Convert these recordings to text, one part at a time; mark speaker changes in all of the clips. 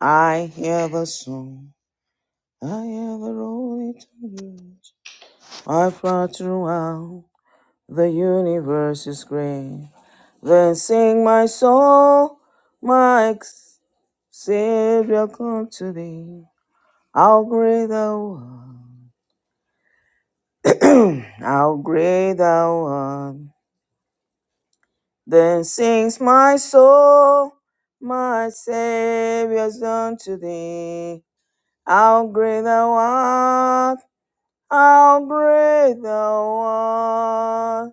Speaker 1: I have a song. I have a role to I far throughout the universe is great. Then sing my soul, my ex- Savior, come to thee. How great thou art, how great thou art. Then sings my soul, my Savior's unto thee. How great thou art. I'll break the one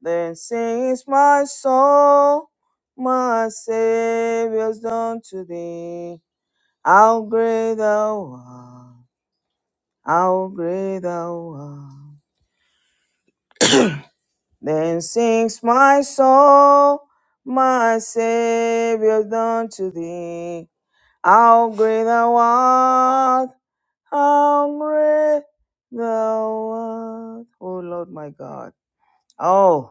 Speaker 1: that sings my soul, my Savior's done to thee. I'll break the one, I'll break the one then sings my soul, my Savior's done to thee. I'll break the one, I'll break the one. Oh Lord, my God. Oh.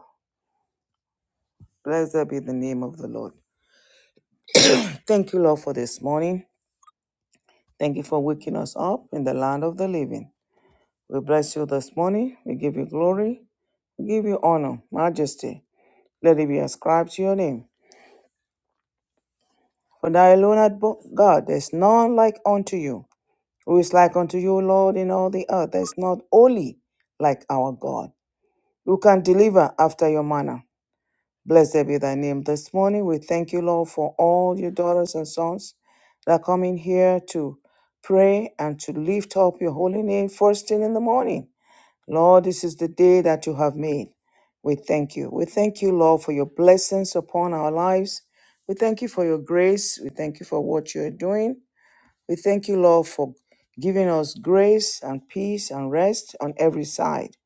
Speaker 1: Blessed be the name of the Lord. Thank you, Lord, for this morning. Thank you for waking us up in the land of the living. We bless you this morning. We give you glory. We give you honor, majesty. Let it be ascribed to your name. For thou alone art bo- God, there is none like unto you. Who is like unto you, Lord, in all the earth? There is not holy like our God. Who can deliver after your manner? Blessed be thy name. This morning we thank you, Lord, for all your daughters and sons that come in here to pray and to lift up your holy name first thing in the morning. Lord, this is the day that you have made. We thank you. We thank you, Lord, for your blessings upon our lives. We thank you for your grace. We thank you for what you are doing. We thank you, Lord, for giving us grace and peace and rest on every side.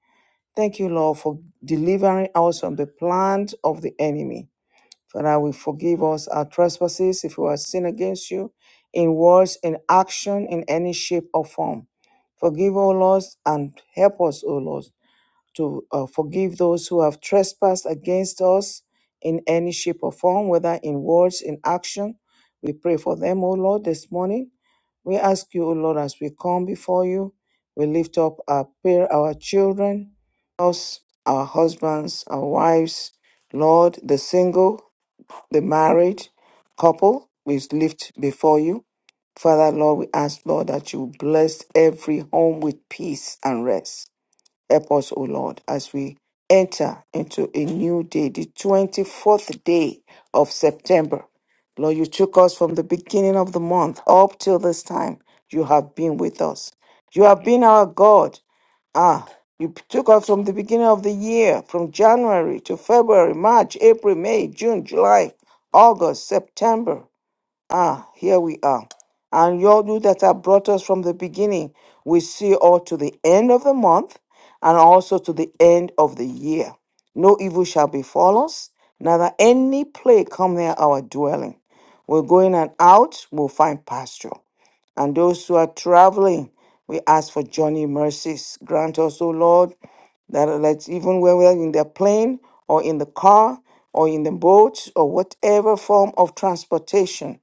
Speaker 1: Thank you, Lord, for delivering us from the plans of the enemy. Father, we forgive us our trespasses if we have sinned against you in words, in action, in any shape or form. Forgive, O Lord, and help us, O Lord, to uh, forgive those who have trespassed against us in any shape or form, whether in words, in action. We pray for them, O Lord, this morning. We ask you, O Lord, as we come before you, we lift up our prayer, our children, us, our husbands, our wives, Lord, the single the married couple we lift before you. Father, Lord, we ask, Lord, that you bless every home with peace and rest. Help us, O Lord, as we enter into a new day, the 24th day of September. Lord, you took us from the beginning of the month up till this time. You have been with us. You have been our God. Ah, you took us from the beginning of the year, from January to February, March, April, May, June, July, August, September. Ah, here we are. And your you that have brought us from the beginning, we see all to the end of the month and also to the end of the year. No evil shall befall us, neither any plague come near our dwelling. We're going and out, we'll find pasture. And those who are traveling, we ask for journey mercies. Grant us, O Lord, that let's even when we're in the plane or in the car or in the boat or whatever form of transportation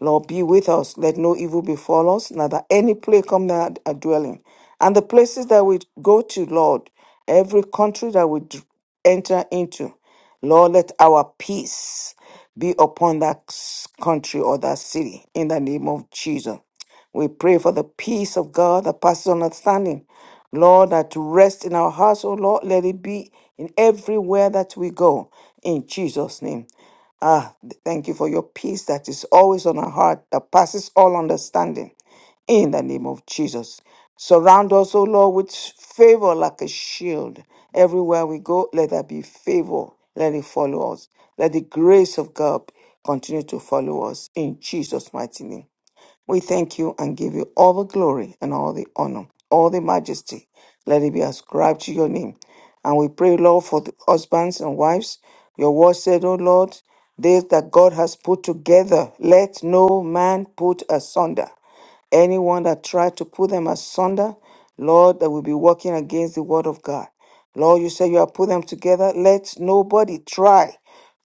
Speaker 1: Lord, be with us. Let no evil befall us, neither any plague come near our dwelling. And the places that we go to, Lord, every country that we d- enter into, Lord, let our peace be upon that s- country or that city in the name of Jesus. We pray for the peace of God that passes understanding. Lord, that rest in our hearts, O Lord, let it be in everywhere that we go. In Jesus' name. Ah, thank you for your peace that is always on our heart, that passes all understanding. In the name of Jesus. Surround us, O Lord, with favor like a shield. Everywhere we go, let there be favor. Let it follow us. Let the grace of God continue to follow us in Jesus' mighty name. We thank you and give you all the glory and all the honor, all the majesty. Let it be ascribed to your name. And we pray, Lord, for the husbands and wives. Your word said, O Lord, these that God has put together, let no man put asunder. Anyone that tried to put them asunder, Lord, that will be working against the word of God. Lord, you said you have put them together. Let nobody try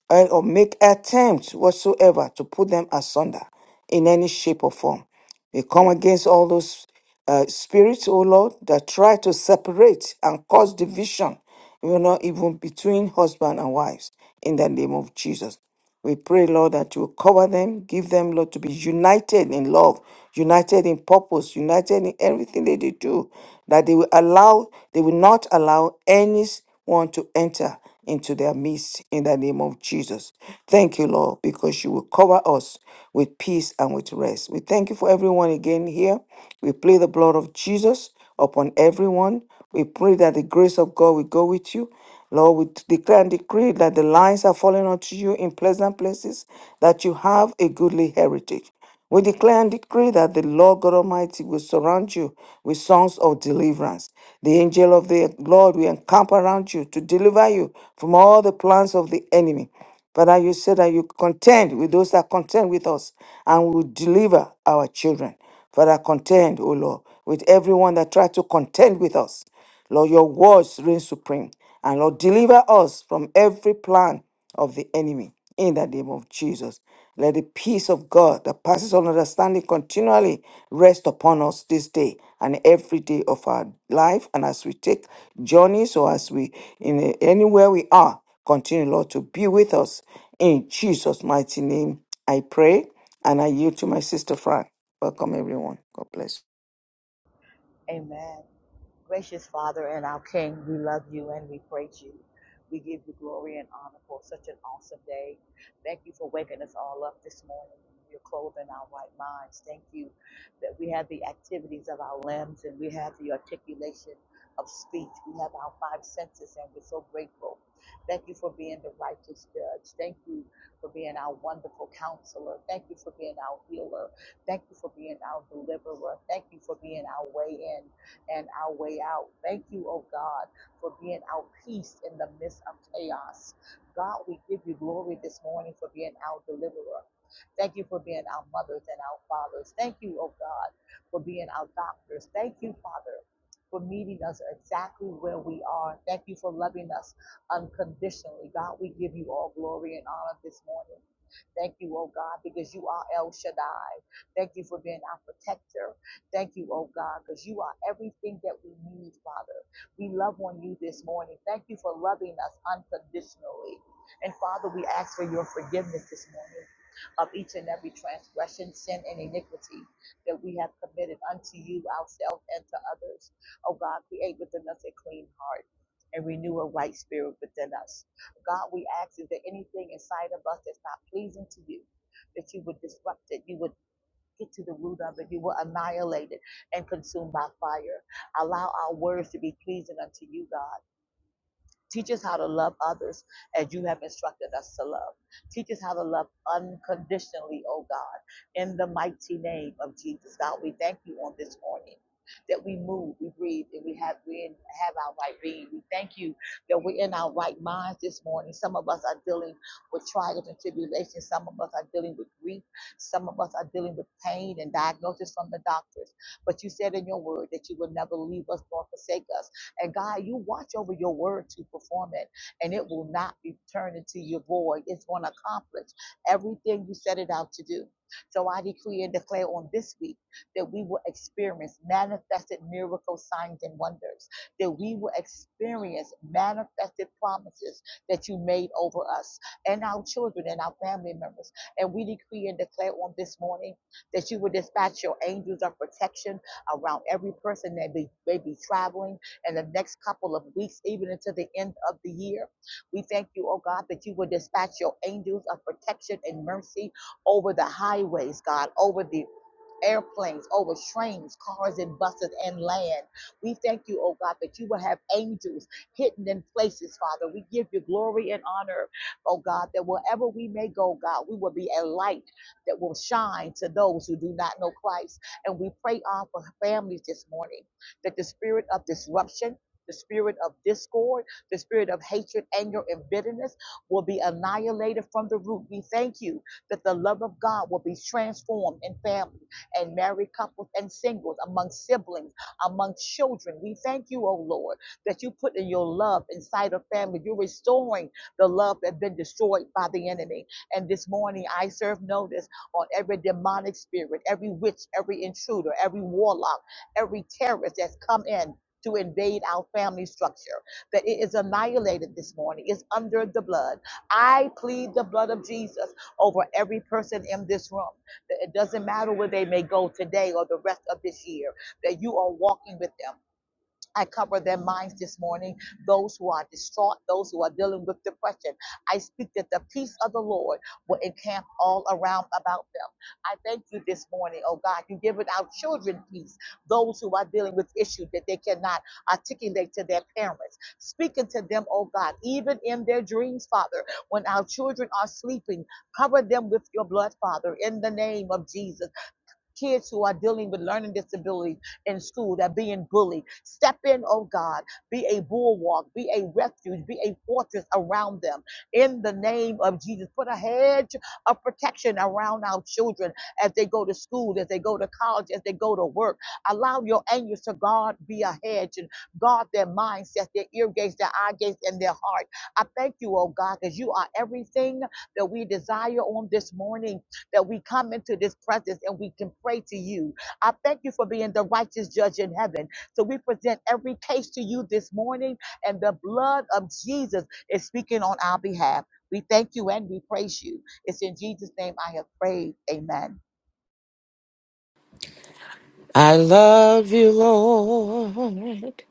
Speaker 1: and or make attempts whatsoever to put them asunder in any shape or form. We come against all those uh, spirits, oh Lord, that try to separate and cause division, you know, even between husband and wives, in the name of Jesus. We pray, Lord, that you will cover them, give them, Lord, to be united in love, united in purpose, united in everything that they do, that they will allow, they will not allow anyone to enter into their midst in the name of Jesus. Thank you, Lord, because you will cover us with peace and with rest. We thank you for everyone again here. We play the blood of Jesus upon everyone. We pray that the grace of God will go with you. Lord, we declare and decree that the lines are falling unto you in pleasant places, that you have a goodly heritage. We declare and decree that the Lord God Almighty will surround you with songs of deliverance. The angel of the Lord will encamp around you to deliver you from all the plans of the enemy. Father, you said that you contend with those that contend with us and will deliver our children. Father, contend, O Lord, with everyone that try to contend with us. Lord, your words reign supreme. And Lord, deliver us from every plan of the enemy in the name of Jesus. Let the peace of God that passes all understanding continually rest upon us this day and every day of our life. And as we take journeys or as we in anywhere we are, continue, Lord, to be with us. In Jesus' mighty name, I pray and I yield to my sister Fran. Welcome, everyone. God bless you.
Speaker 2: Amen. Gracious Father and our King, we love you and we praise you. We give you glory and honor for such an awesome day. Thank you for waking us all up this morning. You're clothing our white minds. Thank you that we have the activities of our limbs and we have the articulation of speech. We have our five senses and we're so grateful. Thank you for being the righteous judge. Thank you for being our wonderful counselor. Thank you for being our healer. Thank you for being our deliverer. Thank you for being our way in and our way out. Thank you, oh God, for being our peace in the midst of chaos. God, we give you glory this morning for being our deliverer. Thank you for being our mothers and our fathers. Thank you, oh God, for being our doctors. Thank you, Father, for meeting us exactly where we are. Thank you for loving us unconditionally. God, we give you all glory and honor this morning. Thank you, oh God, because you are El Shaddai. Thank you for being our protector. Thank you, oh God, because you are everything that we need, Father. We love on you this morning. Thank you for loving us unconditionally. And Father, we ask for your forgiveness this morning of each and every transgression, sin, and iniquity that we have committed unto you, ourselves, and to others. Oh God, create within us a clean heart and renew a right spirit within us. God, we ask is there anything inside of us that's not pleasing to you, that you would disrupt it, you would get to the root of it, you will annihilate it and consume by fire. Allow our words to be pleasing unto you, God. Teach us how to love others as you have instructed us to love. Teach us how to love unconditionally, oh God, in the mighty name of Jesus. God, we thank you on this morning. That we move, we breathe, and we have we have our right being. We thank you that we're in our right minds this morning. Some of us are dealing with trials and tribulations. Some of us are dealing with grief. Some of us are dealing with pain and diagnosis from the doctors. But you said in your word that you would never leave us nor forsake us. And God, you watch over your word to perform it, and it will not be turned into your void. It's going to accomplish everything you set it out to do. So I decree and declare on this week that we will experience manifested miracles, signs and wonders, that we will experience manifested promises that you made over us and our children and our family members. And we decree and declare on this morning that you will dispatch your angels of protection around every person that may be traveling and the next couple of weeks, even into the end of the year. We thank you, oh God, that you will dispatch your angels of protection and mercy over the highways, God, over the airplanes, over trains, cars, and buses and land. We thank you, oh God, that you will have angels hidden in places, Father. We give you glory and honor, oh God, that wherever we may go, God, we will be a light that will shine to those who do not know Christ. And we pray on for families this morning that the spirit of disruption, the spirit of discord, the spirit of hatred, anger, and bitterness will be annihilated from the root. We thank you that the love of God will be transformed in families and married couples and singles, among siblings, among children. We thank you, oh Lord, that you put in your love inside of family. You're restoring the love that's been destroyed by the enemy. And this morning, I serve notice on every demonic spirit, every witch, every intruder, every warlock, every terrorist that's come in. To invade our family structure, that it is annihilated this morning, it's under the blood. I plead the blood of Jesus over every person in this room. It doesn't matter where they may go today or the rest of this year, that you are walking with them. I cover their minds this morning, those who are distraught, those who are dealing with depression. I speak that the peace of the Lord will encamp all around about them. I thank you this morning, oh God. You've given our children peace, those who are dealing with issues that they cannot articulate to their parents. Speaking to them, oh God, even in their dreams, Father, when our children are sleeping, cover them with your blood, Father, in the name of Jesus kids who are dealing with learning disabilities in school that are being bullied. Step in, oh God. Be a bulwark, be a refuge, be a fortress around them. In the name of Jesus, put a hedge of protection around our children as they go to school, as they go to college, as they go to work. Allow your angels to guard, be a hedge, and guard their mindsets, their ear gates, their eye gates, and their heart. I thank you, oh God, because you are everything that we desire on this morning that we come into this presence and we can pray to you. I thank you for being the righteous judge in heaven. So we present every case to you this morning, and the blood of Jesus is speaking on our behalf. We thank you and we praise you. It's in Jesus' name I have prayed. Amen.
Speaker 3: I love you, Lord,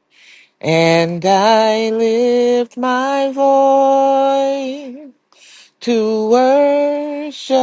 Speaker 3: and I lift my voice to worship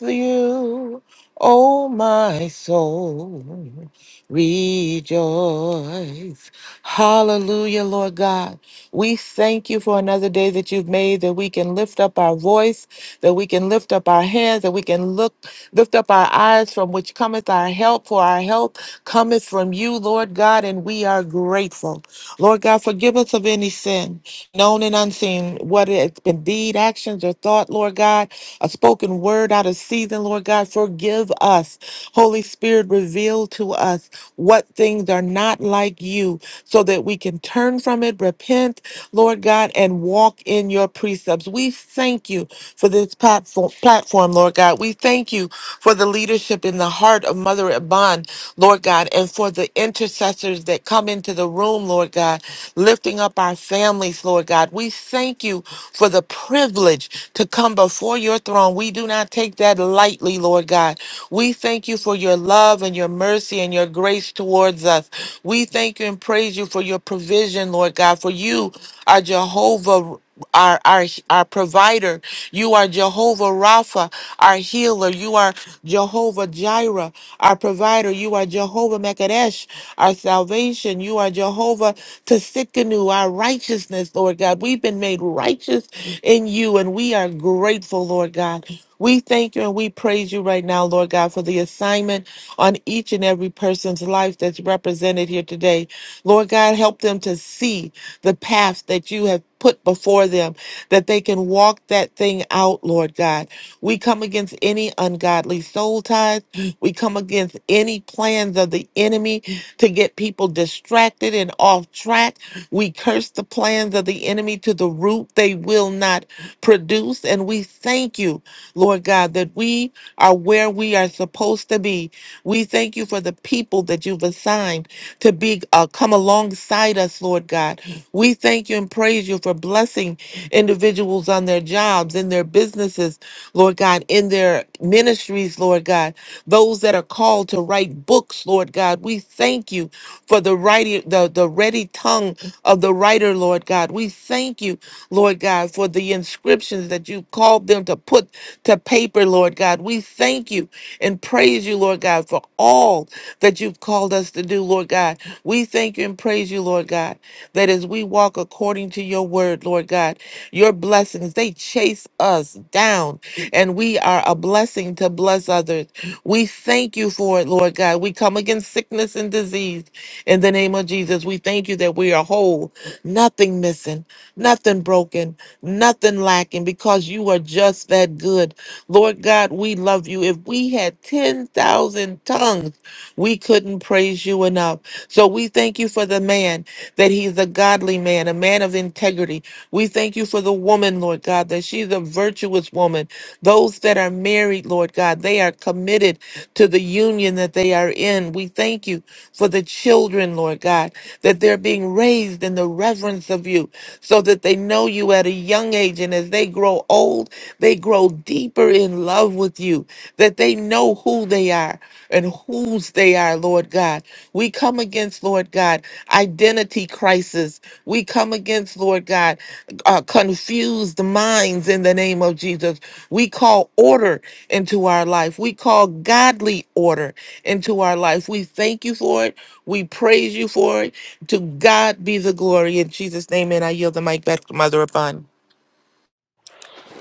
Speaker 3: you, O my soul. Rejoice. Hallelujah, Lord God. We thank you for another day that you've made that we can lift up our voice, that we can lift up our hands, that we can look, lift up our eyes from which cometh our help, for our help cometh from you, Lord God, and we are grateful. Lord God, forgive us of any sin known and unseen, what it's been deed, actions, or thought, Lord God, a spoken word out of season, Lord God, forgive us. Holy Spirit, reveal to us what things are not like you so that we can turn from it, repent, Lord God, and walk in your precepts. We thank you for this platform, platform Lord God. We thank you for the leadership in the heart of Mother at Bond, Lord God, and for the intercessors that come into the room, Lord God, lifting up our families, Lord God. We thank you for the privilege to come before your throne. We do not take that lightly, Lord God. We thank you for your love and your mercy and your grace towards us. We thank you and praise you for your provision, Lord God, for you are Jehovah our our our provider. You are Jehovah Rapha, our healer. You are Jehovah Jireh, our provider. You are Jehovah Mekadesh, our salvation. You are Jehovah Tsikanu, our righteousness, Lord God. We've been made righteous in you, and we are grateful, Lord God. We thank you and we praise you right now, Lord God, for the assignment on each and every person's life that's represented here today. Lord God, help them to see the path that you have put before them, that they can walk that thing out, Lord God. We come against any ungodly soul ties. We come against any plans of the enemy to get people distracted and off track. We curse the plans of the enemy to the root. They will not produce. And we thank you, Lord God, that we are where we are supposed to be. We thank you for the people that you've assigned to be uh, come alongside us, Lord God. We thank you and praise you for blessing individuals on their jobs, in their businesses, Lord God, in their ministries, Lord God. Those that are called to write books, Lord God, we thank you for the writing, the, the ready tongue of the writer, Lord God. We thank you, Lord God, for the inscriptions that you called them to put to paper, Lord God. We thank you and praise you, Lord God, for all that you've called us to do, Lord God. We thank you and praise you, Lord God, that as we walk according to your word, Lord God, your blessings, they chase us down, and we are a blessing to bless others. We thank you for it, Lord God. We come against sickness and disease in the name of Jesus. We thank you that we are whole, nothing missing, nothing broken, nothing lacking, because you are just that good. Lord God, we love you. If we had 10,000 tongues, we couldn't praise you enough. So we thank you for the man, that he's a godly man, a man of integrity. We thank you for the woman, Lord God, that she's a virtuous woman. Those that are married, Lord God, they are committed to the union that they are in. We thank you for the children, Lord God, that they're being raised in the reverence of you so that they know you at a young age. And as they grow old, they grow deeper in love with you, that they know who they are and whose they are, Lord God. We come against, Lord God, identity crisis. We come against, Lord God, uh, confused minds in the name of Jesus. We call order into our life. We call godly order into our life. We thank you for it. We praise you for it. To God be the glory. In Jesus' name, and I yield the mic back to Mother Upon.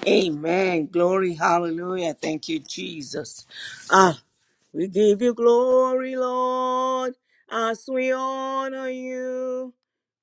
Speaker 4: Amen. Glory. Hallelujah. Thank you, Jesus. Ah, we give you glory, Lord, as we honor you.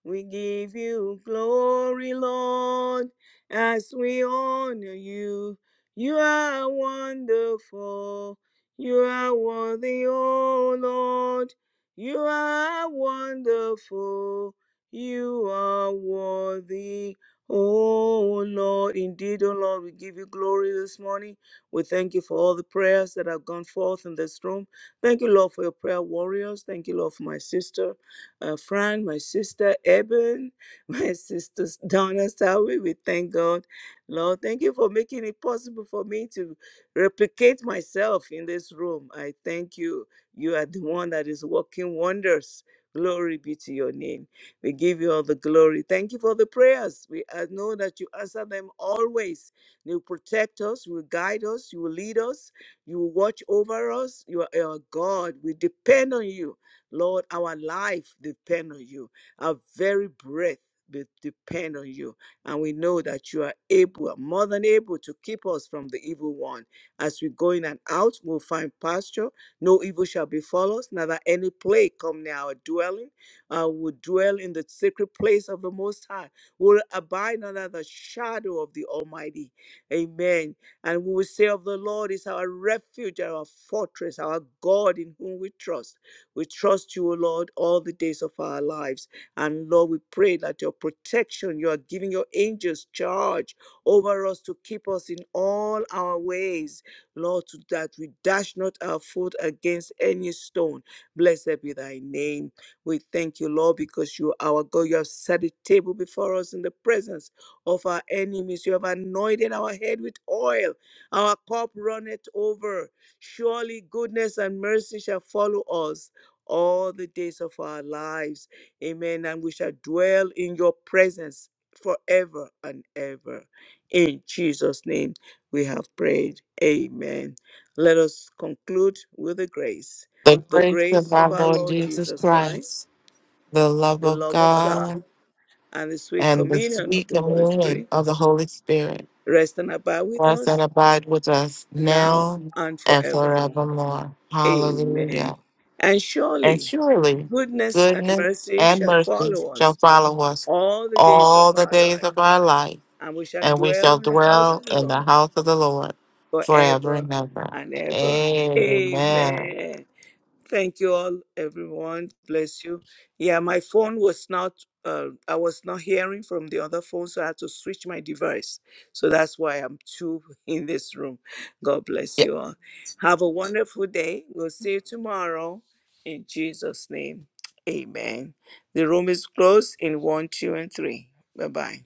Speaker 4: We give you glory, Lord, as we honor you. You are wonderful. You are worthy, O Lord. You are wonderful. You are worthy, O Lord. Indeed, O Lord, we give you glory this morning. We thank you for all the prayers that have gone forth in this room. Thank you, Lord, for your prayer warriors. Thank you, Lord, for my sister uh, Fran, my sister Eben, my sister Donna Sawi. We thank God. Lord, thank you for making it possible for me to replicate myself in this room. I thank you. You are the one that is working wonders. Glory be to your name. We give you all the glory. Thank you for the prayers. We uh, know that you answer them always. You will protect us. You will guide us. You will lead us. You will watch over us. You are our God. We depend on you. Lord, our life depends on you. Our very breath be- depend on you. And we know that you are able, more than able, to keep us from the evil one. As we go in and out, we'll find pasture. No evil shall befall us, neither any plague come near our dwelling. Uh, we'll dwell in the secret place of the Most High. We'll abide under the shadow of the Almighty. Amen. And we will say of the Lord is our refuge, our fortress, our God in whom we trust. We trust you, O Lord, all the days of our lives. And Lord, we pray that your protection, you are giving your angels charge over us to keep us in all our ways. Lord, to that we dash not our foot against any stone. Blessed be thy name. We thank you, Lord, because you are our God. You have set a table before us in the presence of our enemies. You have anointed our head with oil. Our cup runneth over. Surely goodness and mercy shall follow us all the days of our lives. Amen. And we shall dwell in your presence forever and ever. In Jesus' name we have prayed. Amen. Let us conclude with the grace.
Speaker 3: The
Speaker 4: The
Speaker 3: grace of
Speaker 4: grace of
Speaker 3: our
Speaker 4: our
Speaker 3: Lord
Speaker 4: Lord
Speaker 3: Jesus
Speaker 4: Jesus Christ,
Speaker 3: Christ, the love
Speaker 4: the
Speaker 3: of
Speaker 4: love of God,
Speaker 3: God
Speaker 4: and the sweet
Speaker 3: and the
Speaker 4: communion of
Speaker 3: sweet
Speaker 4: the Holy Spirit
Speaker 3: communion of the Holy Spirit
Speaker 4: rest and abide with
Speaker 3: rest and
Speaker 4: us
Speaker 3: abide with us
Speaker 4: now
Speaker 3: now
Speaker 4: and
Speaker 3: and
Speaker 4: forevermore.
Speaker 3: forevermore.
Speaker 4: Amen.
Speaker 3: Hallelujah.
Speaker 4: And
Speaker 3: And
Speaker 4: surely
Speaker 3: surely
Speaker 4: goodness and
Speaker 3: goodness
Speaker 4: mercy
Speaker 3: and
Speaker 4: shall
Speaker 3: mercy
Speaker 4: follow
Speaker 3: shall
Speaker 4: us
Speaker 3: follow us
Speaker 4: all the days
Speaker 3: all
Speaker 4: of
Speaker 3: the
Speaker 4: our
Speaker 3: days
Speaker 4: life,
Speaker 3: of our life,
Speaker 4: and we shall
Speaker 3: and we
Speaker 4: dwell
Speaker 3: shall
Speaker 4: in the house
Speaker 3: dwell
Speaker 4: of the
Speaker 3: in the
Speaker 4: Lord
Speaker 3: house of the Lord forever
Speaker 4: forever
Speaker 3: and ever.
Speaker 4: and ever.
Speaker 3: Amen.
Speaker 4: Amen. Thank you all, everyone. Bless you. Yeah, my phone was not, uh, I was not hearing from the other phone, so I had to switch my device. So that's why I'm two in this room. God bless you all. Have a wonderful day. We'll see you tomorrow in Jesus' name. Amen. The room is closed in one, two, and three. Bye bye.